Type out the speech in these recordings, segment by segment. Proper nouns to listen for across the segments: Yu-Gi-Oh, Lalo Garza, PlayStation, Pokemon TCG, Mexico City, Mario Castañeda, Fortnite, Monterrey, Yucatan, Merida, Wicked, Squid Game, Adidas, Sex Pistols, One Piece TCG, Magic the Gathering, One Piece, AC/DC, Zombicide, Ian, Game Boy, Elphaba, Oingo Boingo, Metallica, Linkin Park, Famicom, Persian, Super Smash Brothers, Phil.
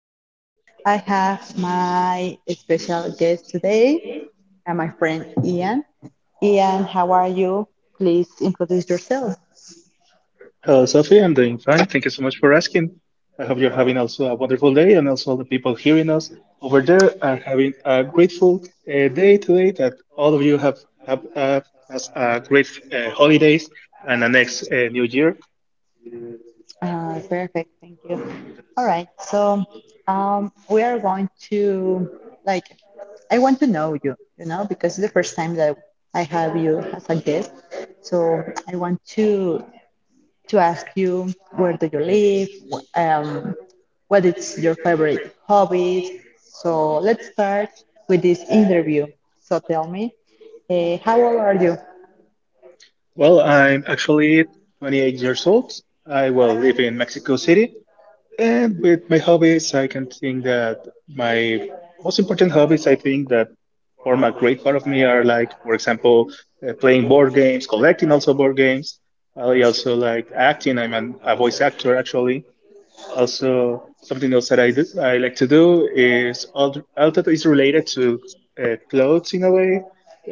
okay. I have my special guest today, and my friend Ian. Ian, how are you? Please introduce yourself. Hello, Sophie. I'm doing fine. Thank you so much for asking. I hope you're having also a wonderful day, and also all the people hearing us over there are having a grateful day today. That all of you have has a great holidays and the next new year. Perfect. Thank you. All right. So, we are going to like. I want to know you. You know, because it's the first time that I have you as a guest. So I want to ask you, where do you live? What is your favorite hobbies. So let's start with this interview. So tell me, how old are you? Well, I'm actually 28 years old. I will live in Mexico City, and with my hobbies, I can think that my most important hobbies, I think that form a great part of me are like, for example, playing board games, collecting also board games. I also like acting. A voice actor actually. Also, something else that I do, I like to do is all that is related to clothes in a way.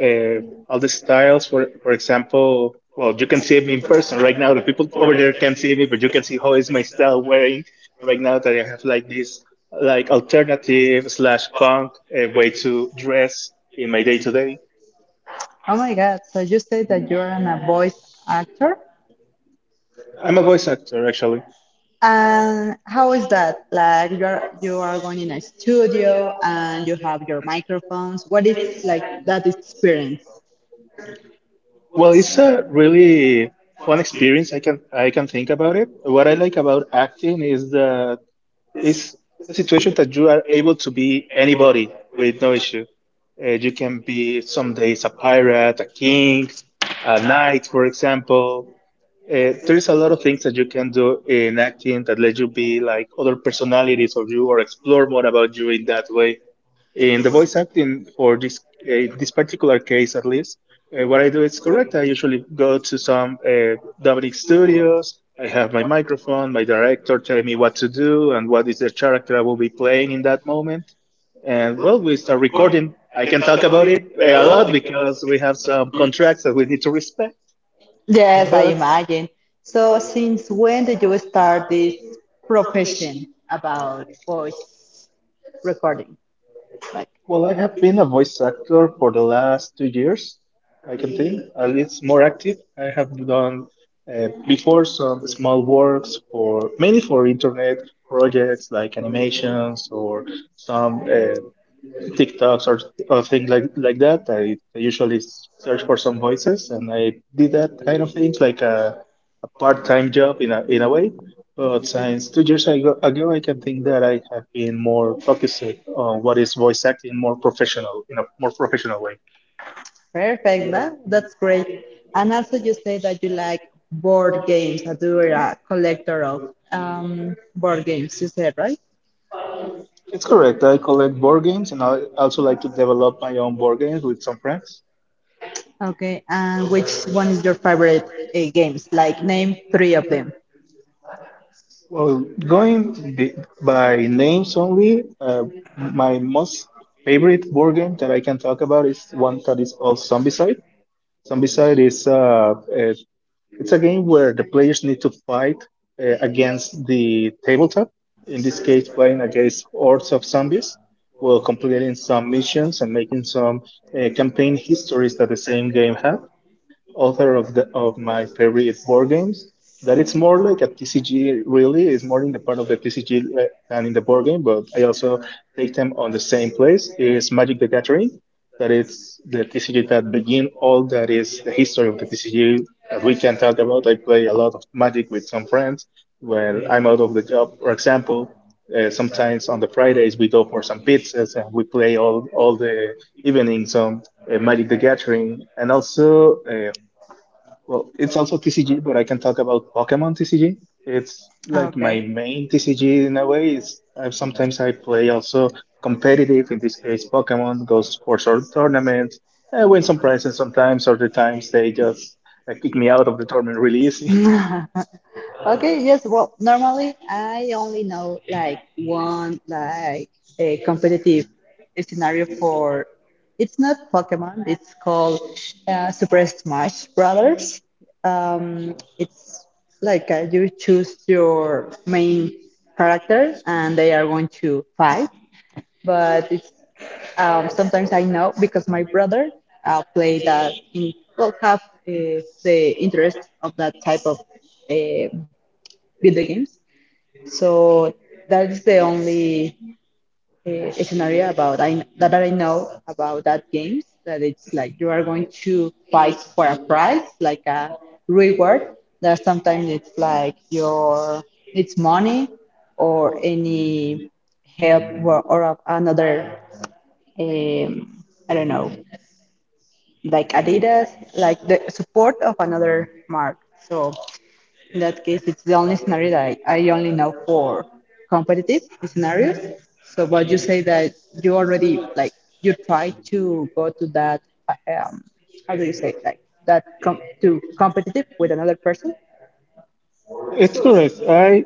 Uh, all the styles, for example, well, you can see me in person right now. The people over there can see me, but you can see how is my style wearing right now that I have like alternative slash punk way to dress in my day to day. Oh my God, so you say that you're a voice actor. I'm a voice actor actually. And how is that? Like you are going in a studio and you have your microphones. What is like that experience? Well, it's a really fun experience. I can think about it. What I like about acting is is the situation that you are able to be anybody with no issue. You can be some days a pirate, a king, a knight, for example. There's a lot of things that you can do in acting that let you be like other personalities of you or explore more about you in that way in the voice acting for this particular case at least. What I do is correct. I usually go to some dubbing studios. I have my microphone, my director telling me what to do and what is the character I will be playing in that moment, and well, we start recording. I can talk about it a lot because we have some contracts that we need to respect, Yes, I but imagine. So since when did you start this profession about voice recording? Well, I have been a voice actor for the last 2 years. I can think, at least more active. I have done before some small works for mainly for internet projects like animations or some TikToks or things like that. I usually search for some voices, and I did that kind of thing, a part-time job in a way. But since ago, I can think that I have been more focused on what is voice acting more professional in a more professional way. Perfect. That's great. And also, you say that you like board games, that you are a collector of board games, you said, right? It's correct. I collect board games, and I also like to develop my own board games with some friends. Okay. And which one is your favorite games? Like, name three of them. Well, by names only, my most favorite board game that I can talk about is one that is called Zombicide. Zombicide is it's a game where the players need to fight against the tabletop. In this case, playing against hordes of zombies, while completing some missions and making some campaign histories that the same game has author of the of my favorite board games. That it's more like a TCG, really, is more in the part of the than in the board game. But I also take them on the same place. Is Magic the Gathering, that it's the TCG that begin all that is the history of the TCG that we can talk about. I play a lot of Magic with some friends when I'm out of the job, for example. Sometimes on the Fridays we go for some pizzas and we play all the evening some Magic the Gathering, and also well, it's also TCG, but I can talk about Pokemon TCG. It's like my Okay. main TCG in a way. Sometimes I play also competitive. In this case, Pokemon goes for sort tournaments. I win some prizes sometimes. Other times they just kick me out of the tournament really easy. Okay, yes, well, normally I only know like one, like a competitive scenario for, it's not Pokemon, it's called Super Smash Brothers. It's like you choose your main character and they are going to fight, but it's sometimes I know because my brother play that in, well, have the interest of that type of uh, video games, so that's the only scenario about I, that I know about that games. That it's like you are going to fight for a prize, like a reward. That sometimes it's like your, it's money or any help, or another, um, I don't know, like Adidas, like the support of another mark. So in that case, it's the only scenario that I only know for competitive scenarios. So, but you say that you already, like, you try to go to that uh, um, how do you say, like that to competitive with another person. It's correct.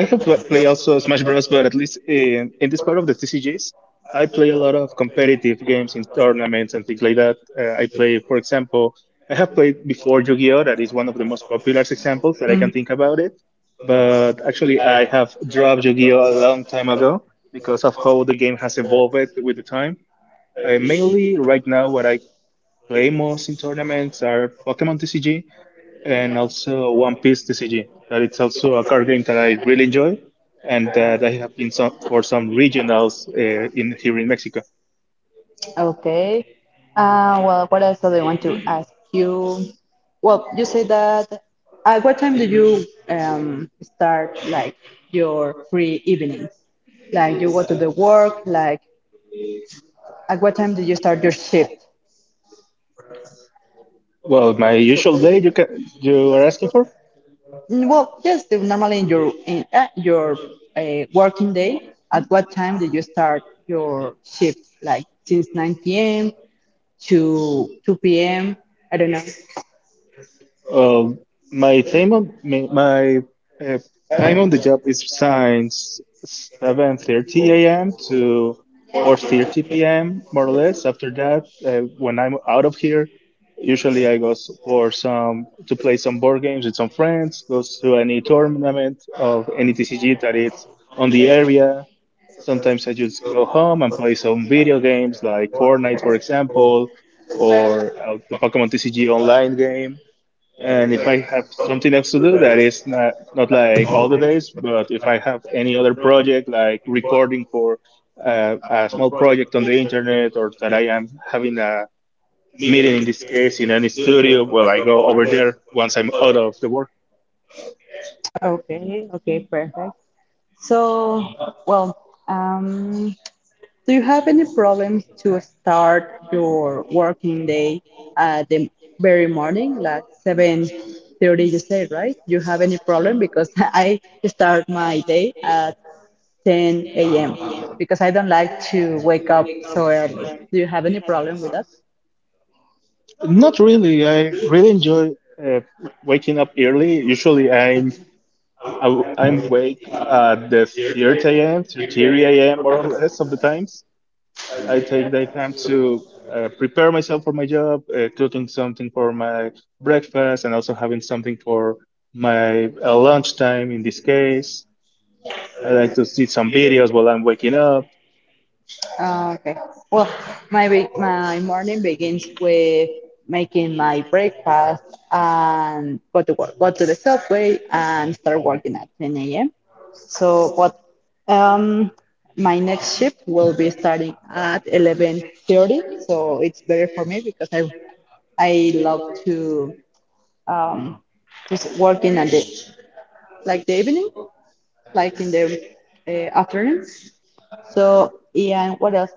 I have played also Smash Bros, but at least in this part of the TCGs, I play a lot of competitive games in tournaments and things like that. I play, for example, I have played before Yu-Gi-Oh. That is one of the most popular examples that I can Mm. think about it. But actually, I have dropped Yu-Gi-Oh a long time ago because of how the game has evolved with the time. Mainly, right now, what I play most in tournaments are Pokemon TCG and also One Piece TCG. That it's also a card game that I really enjoy, and that I have been some for some regionals in here in Mexico. Okay. Well, what else do I want to ask you? Well, you say that. At what time do you start, like, your free evenings? Like, you go to the work. Like, at what time do you start your shift? Well, my usual day you can you are asking for? Well, yes, normally in your, in your, working day. At what time did you start your shift? Like since 9 p.m. to 2 p.m. I don't know. Well, my uh, time on the job is since 7:30 a.m. to 4:30 p.m. more or less. After that, when I'm out of here, usually for some to play some board games with some friends, goes to any tournament of any TCG that is on the area. Sometimes I just go home and play some video games like Fortnite, for example, or the Pokemon TCG online game, and if I have something else to do, that is not like all the days, but if I have any other project like recording for a small project on the internet or that I am having a meeting in this case in any studio, well, I go over there once I'm out of the work. Okay. Okay. Perfect. So, well, um, do you have any problems to start your working day at the very morning, like 7:30, you say, right? You have any problem? Because I start my day at 10 a.m. because I don't like to wake up so early. Do you have any problem with that? Not really. I really enjoy uh, waking up early. Usually I'm I am wake at the 30 a.m., 3 a.m. more or less of the times. I take that time to prepare myself for my job, cooking something for my breakfast, and also having something for my lunchtime in this case. I like to see some videos while I'm waking up. Okay. Well, my morning begins with making my breakfast and go to work, go to the subway, and start working at 10 a.m. So, what, um, my next shift will be starting at 11:30. So it's better for me because I love to, um, just working at the, like the evening, like in the afternoon. So, Ian, what else?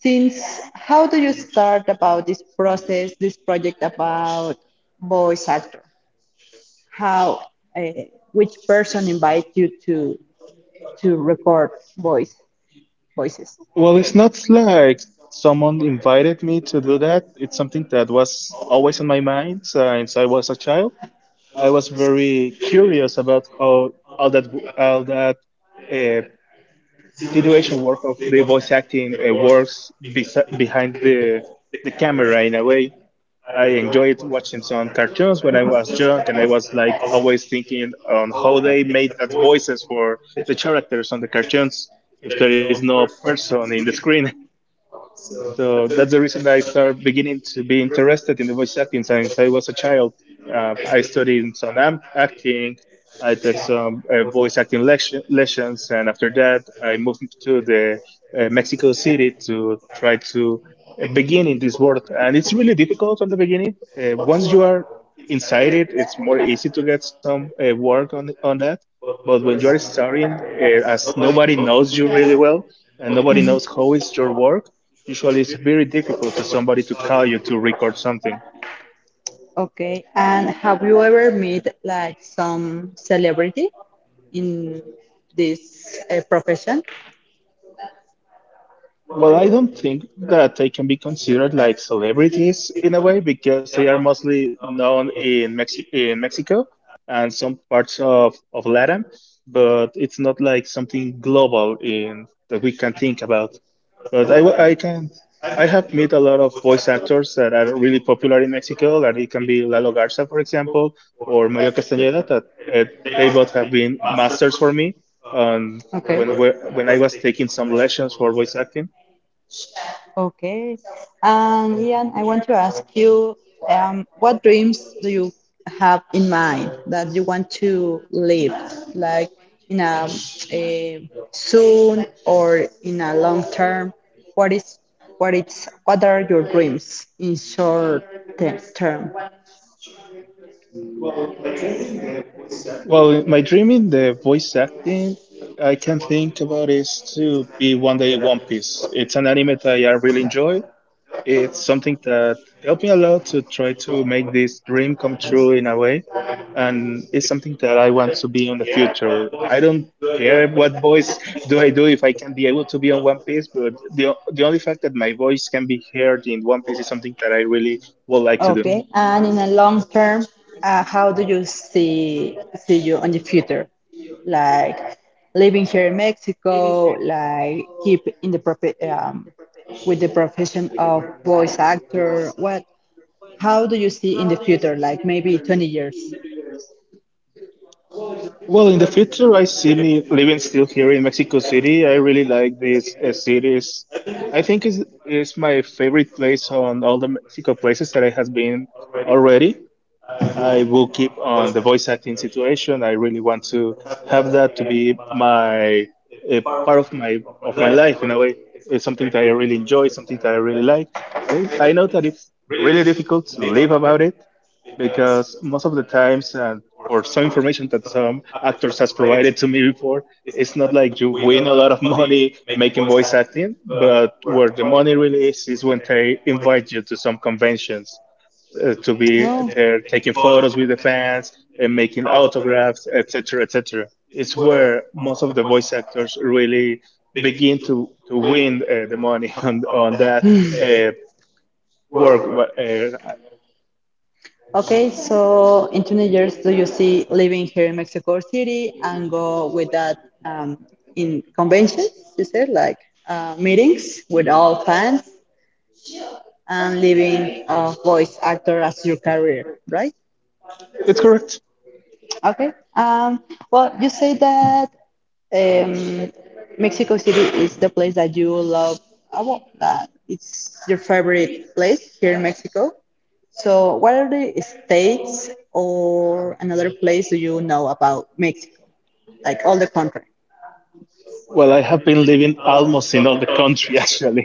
Since how do you start about this process, this project about voice actor? How, uh, which person invite you to record voice voices? Well, it's not like someone invited me to do that. It's something that was always on my mind since I was a child. I was very curious about how all that all that uh, situation work of the voice acting behind the camera in a way. I enjoyed watching some cartoons when I was young, and I was like always thinking on how they made that voices for the characters on the cartoons if there is no person in the screen. So that's the reason that I started beginning to be interested in the voice acting since I was a child. I studied some am- acting. I took some lessons, and after that, I moved to the Mexico City to try to begin in this world. And it's really difficult on the beginning. Once you are inside it, it's more easy to get some work on that. But when you are starting, as nobody knows you really well, and nobody knows how is your work. Usually, it's very difficult to somebody to call you to record something. Okay. And have you ever met like some celebrity in this profession? Well, I don't think that they can be considered like celebrities in a way because they are mostly known in Mexico and some parts of Latin, but it's not like something global in that we can think about. But I, w- I can I have met a lot of voice actors that are really popular in Mexico. That it can be Lalo Garza, for example, or Mario Castañeda. That uh, they both have been masters for me. Um, when I was taking some lessons for voice acting, Okay. Ian, I want to ask you, what dreams do you have in mind that you want to live, like in a soon or in a long term? What is, what are your dreams in short term? well, my dream in the voice acting I can think about is to be one day One Piece. It's an anime that I really enjoy. It's something that helped me a lot to try to make this dream come true in a way. And it's something that I want to be in the future. I don't care what voice do I do if I can be able to be on One Piece, but the only fact that my voice can be heard in One Piece is something that I really would like to do. Okay. And in a long term, how do you see you in the future? Like living here in Mexico, like keep in with the profession of voice actor. What? How do you see in the future? Like maybe 20 years. Well, in the future, I see me living still here in Mexico City. I really like this city's. I think is my favorite place on all the Mexico places that I has been already. I will keep on the voice acting situation. I really want to have that to be my a part of my life in a way. It's something that I really enjoy, something that I really like. I I know that it's really difficult to live about it because most of the times, and for some information that some actors has provided to me before, it's not like you win a lot of money making voice acting, but where the money really is when they invite you to some conventions to be there taking photos with the fans and making autographs, etc., etc. It's where most of the voice actors really begin to win the money on that uh, work. But, Okay, so in 20 years, do you see living here in Mexico City and go with that, um, in conventions, you said, like meetings with all fans, and living a voice actor as your career, right? it's correct. Okay. Um, well, you say that, um, Mexico City is the place that you love. Well, that it's your favorite place here in Mexico. So, what are the states or another place do you know about Mexico? Like all the country? Well, I have been living almost in all the country actually.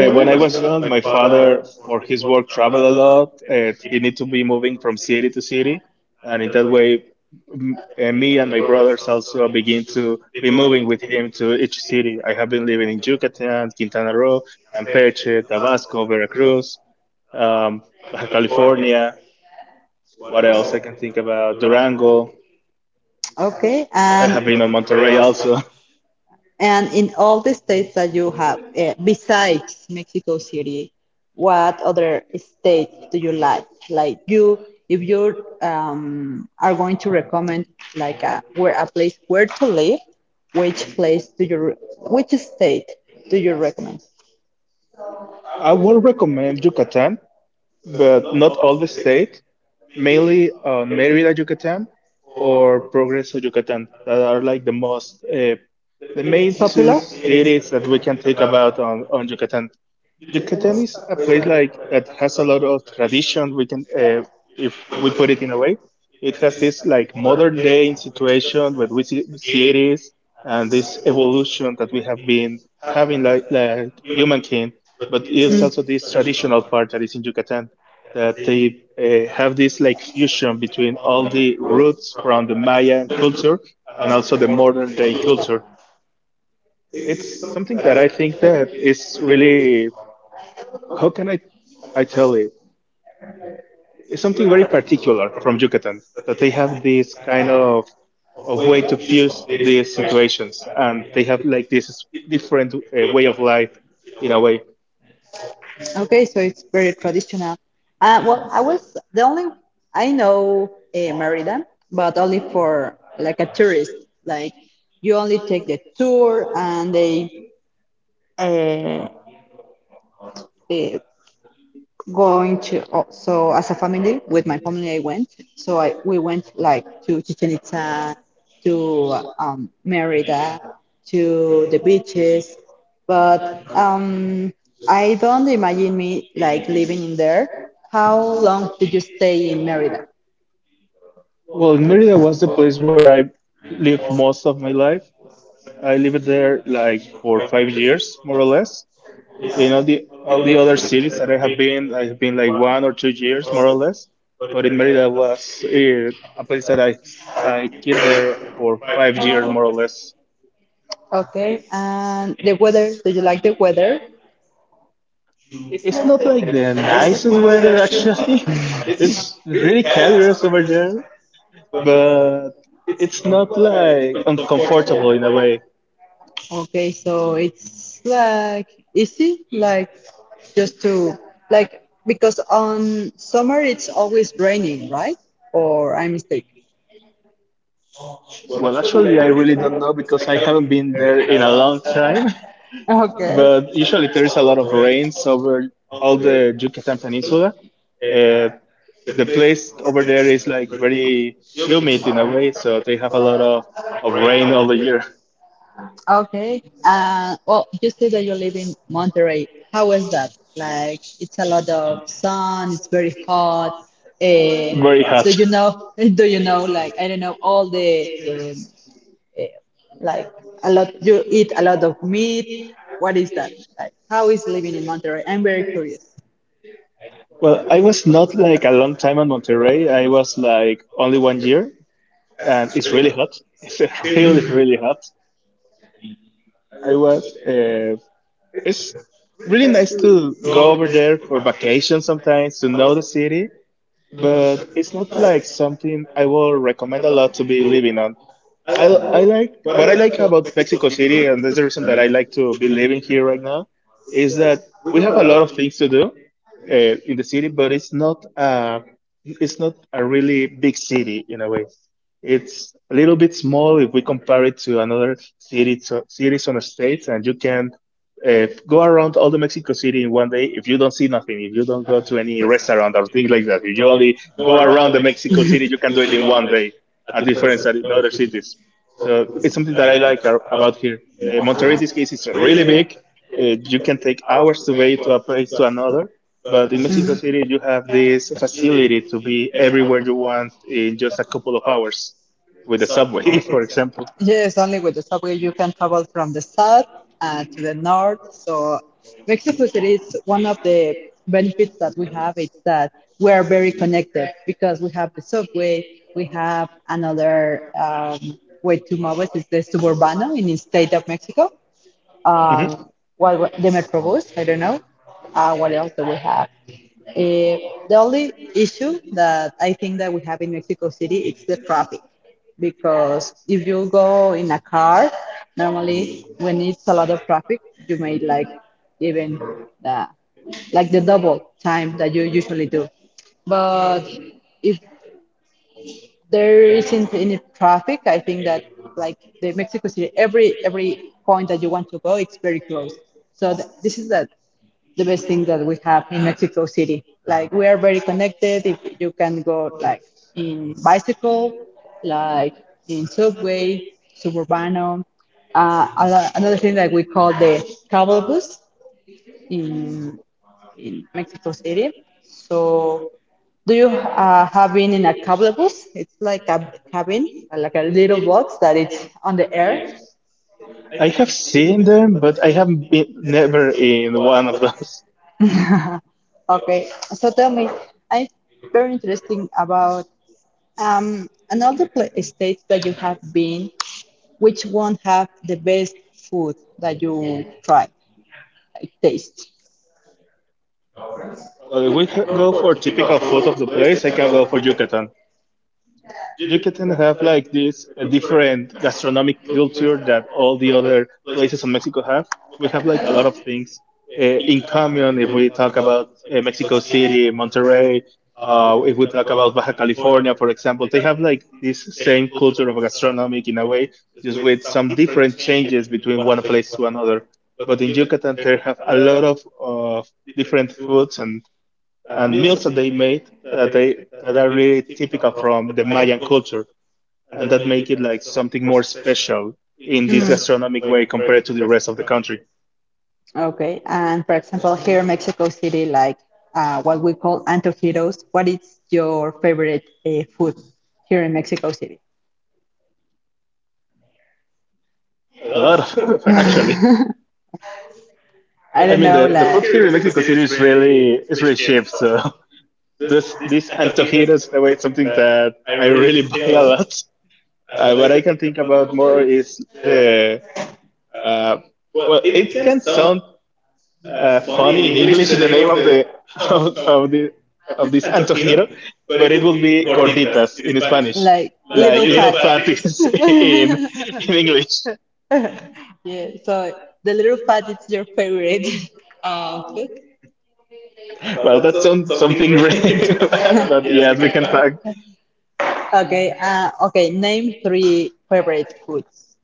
When I was young, my father, for his work, traveled a lot. He needed to be moving from city to city, and in that way, me and my brothers also begin to be moving with him to each city. I have been living in Yucatan, Quintana Roo, Campeche, Tabasco, Veracruz, um, Baja California. What else I can think about? Durango. Okay. I And have been on Monterrey also. And in all the states that you have, besides Mexico City, what other state do you like? Like, you, if you are going to recommend like a, where a place where to live, which place do which state do you recommend? I would recommend Yucatan, but not all the state, mainly on Mérida, Yucatan, or Progreso, Yucatan, that are like the most the main two Popular? cities that we can think about on Yucatan. Yucatan is a place like that has a lot of tradition. We can, if we put it in a way, it has this like modern day situation where we see and this evolution that we have been having like humankind. But it's also this traditional part that is in Yucatan that they have this like fusion between all the roots from the Mayan culture and also the modern day culture. It's something that I think that is really, how can I tell it? It's something very particular from Yucatan that they have this kind of way to fuse these situations, and they have like this different way of life in a way. Okay, so it's very traditional. Well, I was the only, I know Merida, but only for like a tourist. Like, you only take the tour, and they, uh, uh, going to, oh, so as a family, with my family I went, so I we went like to Chichen Itza, to Merida, to the beaches, but, I don't imagine me like living in there. How long did you stay in Merida? Well, Merida was the place where I lived most of my life. I lived there like for 5 years, more or less. In all the other cities that I have been like 1 or 2 years, more or less. But in Merida was a place that I keep there for 5 years, more or less. Okay, and the weather, did you like the weather? It's not like the nicest weather actually. It's really calorous over there, but it's not like uncomfortable in a way. Okay, so it's like easy, like just to, like, because on summer it's always raining, right? Or I mistake. Well, actually, I really don't know because I haven't been there in a long time. Okay. But usually there is a lot of rains over all the Yucatan Peninsula. Uh, the place over there is like very humid in a way, so they have a lot of rain all the year. Okay. Well, you said that you live in Monterrey. How was that? Like, it's a lot of sun. It's very hot. Uh, Very do hot. you know? Do you know? Like, I don't know all the, eh, like, a lot, you eat a lot of meat, what is that, like how is living in Monterrey, I'm very curious. Well, I was not like a long time in Monterrey. I was like only 1 year, and it's really hot. It's really, really hot. I was it's really nice to go over there for vacation sometimes to know the city, but it's not like something I will recommend a lot to be living on. I I like what I like about Mexico City, and that's the reason that I like to be living here right now, is that we have a lot of things to do in the city, but it's not a really big city in a way. It's a little bit small if we compare it to another city so, cities on the states, and you can go around all the Mexico City in one day if you don't see nothing, if you don't go to any restaurant or things like that. If you only go around the Mexico City, you can do it in one day. A difference than in other cities. So it's something that I like about here. Monterrey, in this case, is really big. You can take hours to be to a place to another. But in Mexico City, you have this facility to be everywhere you want in just a couple of hours with the subway, for example. Yes, only with the subway you can travel from the south, to the north. So Mexico City is one of the benefits that we have. It's that we are very connected because we have the subway, we have another, way to move us is the suburbano in the state of Mexico. Mhm. um, what the metrobus, I don't know. What else do we have? Uh, the only issue that I think that we have in Mexico City is the traffic, because if you go in a car, normally when it's a lot of traffic, you may, like, even the, like the double time that you usually do. But if there isn't any traffic, I think that, like, the Mexico City, every point that you want to go, it's very close. So this is the best thing that we have in Mexico City. Like, we are very connected. If you can go like in bicycle, like in subway, suburbano. Uh, another thing that we call the travel bus in in Mexico City. So do you, have been in a cable bus? It's like a cabin, like a little box that it's on the air. I have seen them, but I haven't been never in one of those. Okay, so tell me, I'm very interesting about, another pla state that you have been, which one have the best food that you try, like, taste? Well, if we go for typical food of the place, I can go for Yucatan. Yucatan have like this a different gastronomic culture that all the other places in Mexico have. We have like a lot of things in common if we talk about Mexico City, Monterrey, if we talk about Baja California, for example, they have like this same culture of gastronomic in a way, just with some different changes between one place to another. But in Yucatan, they have a lot of uh, different foods and meals that they made that they that are really typical from the Mayan culture, and that make it like something more special in this gastronomic Mm. way compared to the rest of the country. Okay, and for example, here in Mexico City, like, what we call antojitos, what is your favorite food here in Mexico City? A lot of actually. I I don't mean, know, the like, food here in Mexico City is really cheap. So this antojitos in a way it's something that I really buy a lot. What I can think about more is the uh, well, it can sound funny in English the name of the of the of this antojito, but it would be gorditas in Spanish, like like little little fat. patties in in in English. Yeah, so the little fat is your favorite food. Well, that's some, something really bad, but yes, we can talk Okay, okay, name three favorite foods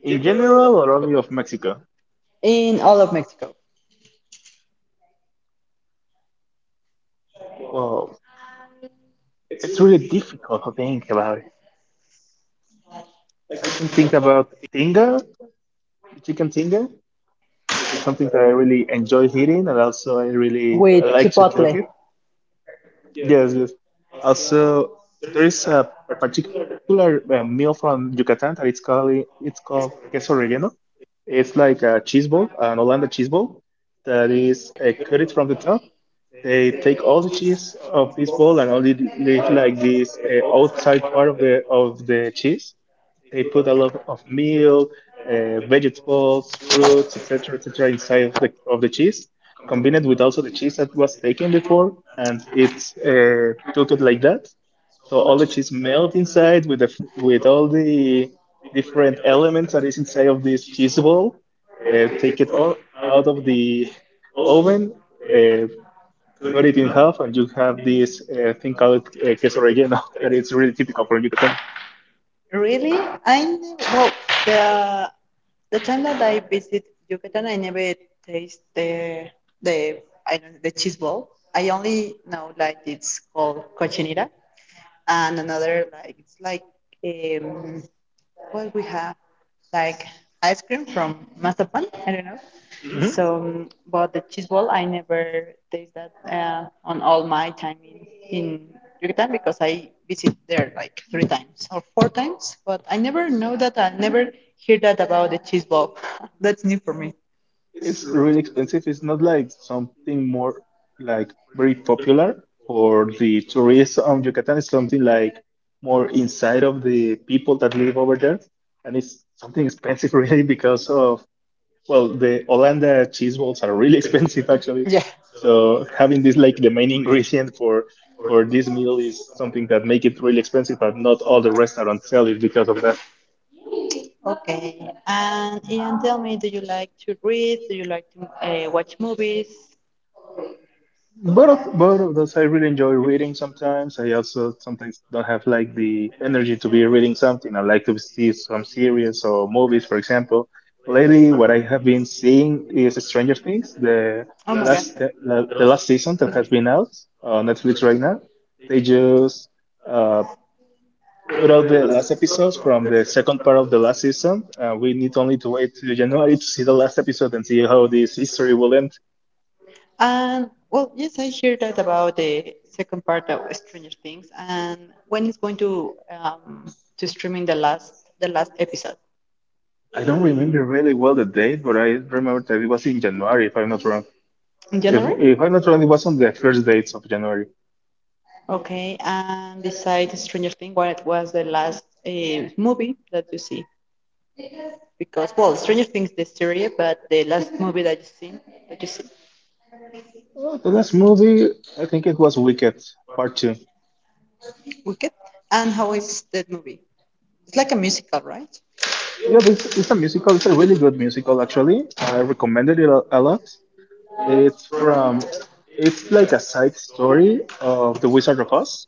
in general or only of Mexico. in all of Mexico. Well, it's really difficult to think about it. I can think about tinga, chicken tinga. It's something that I really enjoy eating, and also I really With like to cook Chipotle. it. Yes, yes. Also, there is a particular meal from Yucatan that it's called queso relleno. It's like a cheese ball, an Holanda cheese ball, that is cut it from the top. They take all the cheese of this ball and only leave like this outside part of the cheese, they put a lot of milk, vegetables, fruits, etc., etc., inside of the cheese, combined with also the cheese that was taken before, and it's cooked like that. So all the cheese melt inside with the with all the different elements that is inside of this cheese ball. Take it all out of the oven, uh, cut it in half, and you have this thing called queso relleno that is really typical for Yucatan. Really? I never, well, the the time that I visit Yucatan, I never taste the, the I don't, the cheese ball. I only know like it's called cochinita, and another like it's like, um, what we have, like ice cream from mazapan. I don't know. Mm-hmm. Mhm. So, but the cheese ball, I never taste that, on all my time in Yucatan, because I visit there like three times or four times. But I never know that. I never hear that about the cheese ball. That's new for me. It's really expensive. It's not like something more like very popular for the tourists on Yucatan. It's something like more inside of the people that live over there, and it's something expensive really because of, well, the Hollanda cheese balls are really expensive actually. Yeah. So having this like the main ingredient for this meal is something that make it really expensive, but not all the restaurants sell it because of that. Okay. And Ian, tell me, do you like to read? Do you like to watch movies? Both of those I really enjoy reading sometimes. I also sometimes don't have like the energy to be reading something. I like to see some series or movies, for example. Lately, what I have been seeing is Stranger Things, the Oh my God. the last season that has been out on Netflix right now. They just uh, put out the last episodes from the second part of the last season. We need only to wait till January to see the last episode and see how this history will end. And, well, yes, I hear that about the second part of Stranger Things, and when it's going um, to streaming the last episode. I don't remember really well the date, but I remember that it was in January, if I'm not wrong. In If January. if I'm not wrong, it was on the first dates of January. Okay, and beside Stranger Things, what was the last movie that you see? Because, well, Stranger Things the series, but the last movie that you see, Well, the last movie, I think it was Wicked Part Two. Wicked, and how is that movie? It's like a musical, right? Yeah, but it's a musical. It's a really good musical, actually. I recommended it a lot. It's it's like a side story of the Wizard of Oz,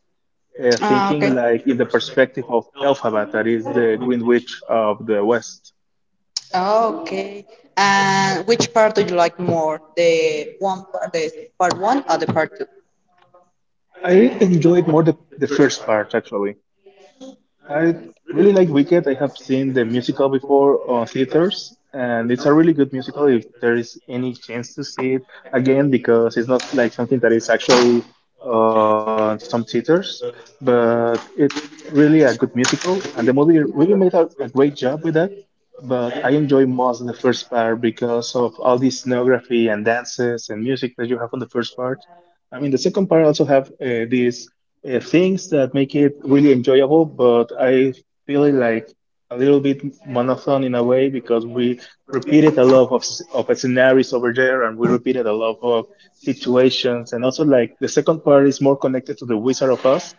Ah, okay. thinking like in the perspective of Elphaba, that is the Green Witch of the West. Oh, okay. And which part do you like more? The part one or the part two? I enjoyed more the first part actually. I really like Wicked. I have seen the musical before on theaters, and it's a really good musical if there is any chance to see it again because it's not like something that is actually on some theaters, but it's really a good musical, and the movie really made a great job with that. But I enjoy most the first part because of all the scenography and dances and music that you have on the first part. I mean, the second part also have this things that make it really enjoyable, but I feel it like a little bit monotone in a way because we repeated a lot of scenarios over there and we repeated a lot of situations. And also, like the second part is more connected to the Wizard of Oz.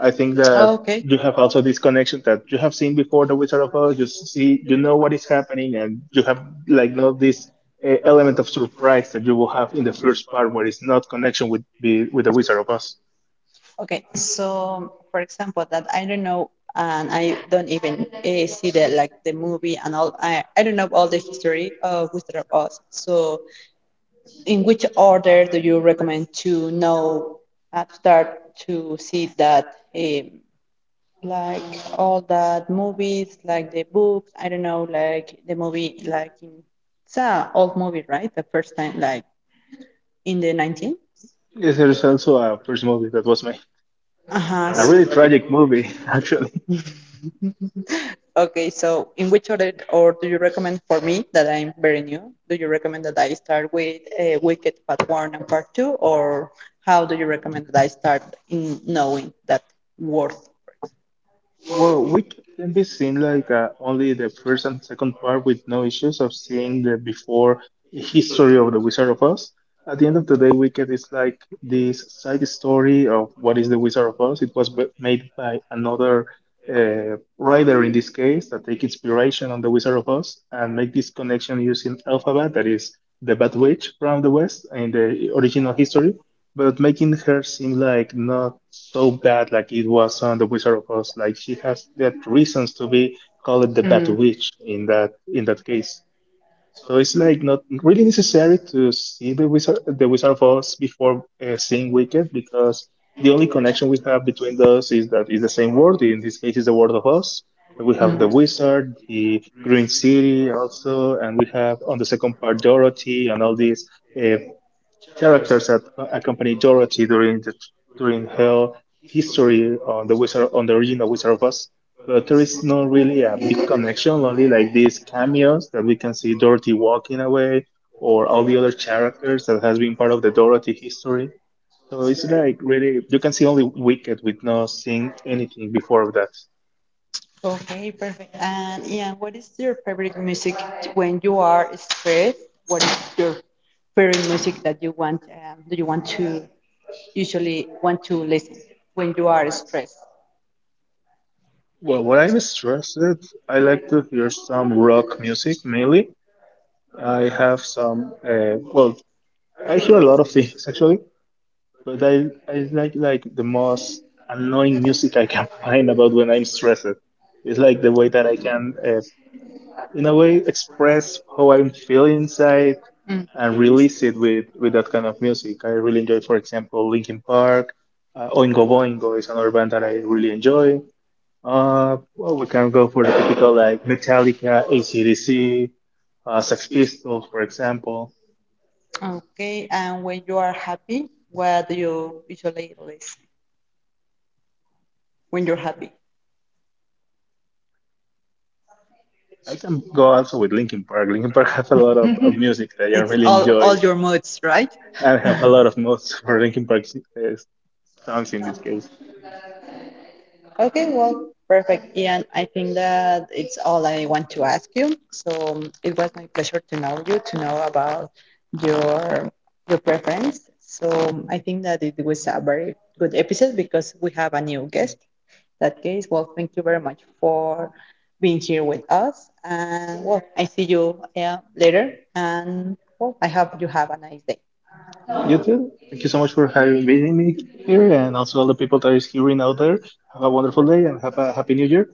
I think that Okay. you have also this connection that you have seen before the Wizard of Oz. You see, you know what is happening, and you have like not this element of surprise that you will have in the first part, where it's not connection with the Wizard of Oz. Okay. So, for example, that I don't know, and I don't even see the, like the movie and all. I don't know all the history of Wizard of Oz. So, in which order do you recommend to know, to start to see that, um, like all that movies, like the books, I don't know, like the movie, like in, it's a old movie, right, the first time, like in the 19, Yes, there's also a first movie that was my, uh-huh, a really that was, tragic movie, actually. Okay, so in which order or do you recommend for me that I'm very new? Do you recommend that I start with Wicked Part 1 and Part 2, or how do you recommend that I start in knowing that worth? Well, we can be seen like only the first and second part with no issues of seeing the before history of the Wizard of Oz. At the end of the day, Wicked is like this side story of what is the Wizard of Oz. It was made by another writer in this case that take inspiration on the Wizard of Oz and make this connection using Elphaba, that is the Bad Witch from the West in the original history, but making her seem like not so bad like it was on The Wizard of Oz. Like she has that reasons to be called the Bad Mm. Witch in that case. So it's like not really necessary to see the Wizard of Oz before seeing Wicked because the only connection we have between those is that it's the same world. In this case, it's the world of Oz. We have the Mm. wizard, the Green City also, and we have on the second part Dorothy and all these uh, characters that accompany Dorothy during her history on the Wizard on the original Wizard of Oz. But there is not really a big connection, only like these cameos that we can see Dorothy walking away or all the other characters that has been part of the Dorothy history. So it's like really you can see only Wicked with not seeing anything before of that. Okay, perfect. And Ian, what is your favorite music when you are stressed? What is your favorite music that you want? Do you want to, usually want to listen when you are stressed? Well, what I'm stressed, I like to hear some rock music mainly. I have some, well, I hear a lot of things actually, but I like the most annoying music I can find about when I'm stressed. It's like the way that I can, in a way, express how I'm feeling inside Mm. and release it with that kind of music. I really enjoy, for example, Linkin Park. Oingo Boingo is another band that I really enjoy. Well, we can go for the typical like Metallica, AC/DC, Sex Pistols, for example. Okay, and when you are happy, what do you usually listen when you're happy? I can go also with Linkin Park. Linkin Park have a lot of music that I It's really all enjoy. all your moods, right? I have a lot of notes for Linkin Park uh, songs in this case. Okay, well, perfect, Ian. I think that it's all I want to ask you. So, it was my pleasure to know you, to know about your your preference. So, I think that it was a very good episode because we have a new guest. In that case, well, thank you very much for being here with us, and, well, I see you, yeah, later, and, well, I hope you have a nice day. You too. Thank you so much for having visiting me here, and also all the people that is hearing out there. Have a wonderful day and have a happy New Year.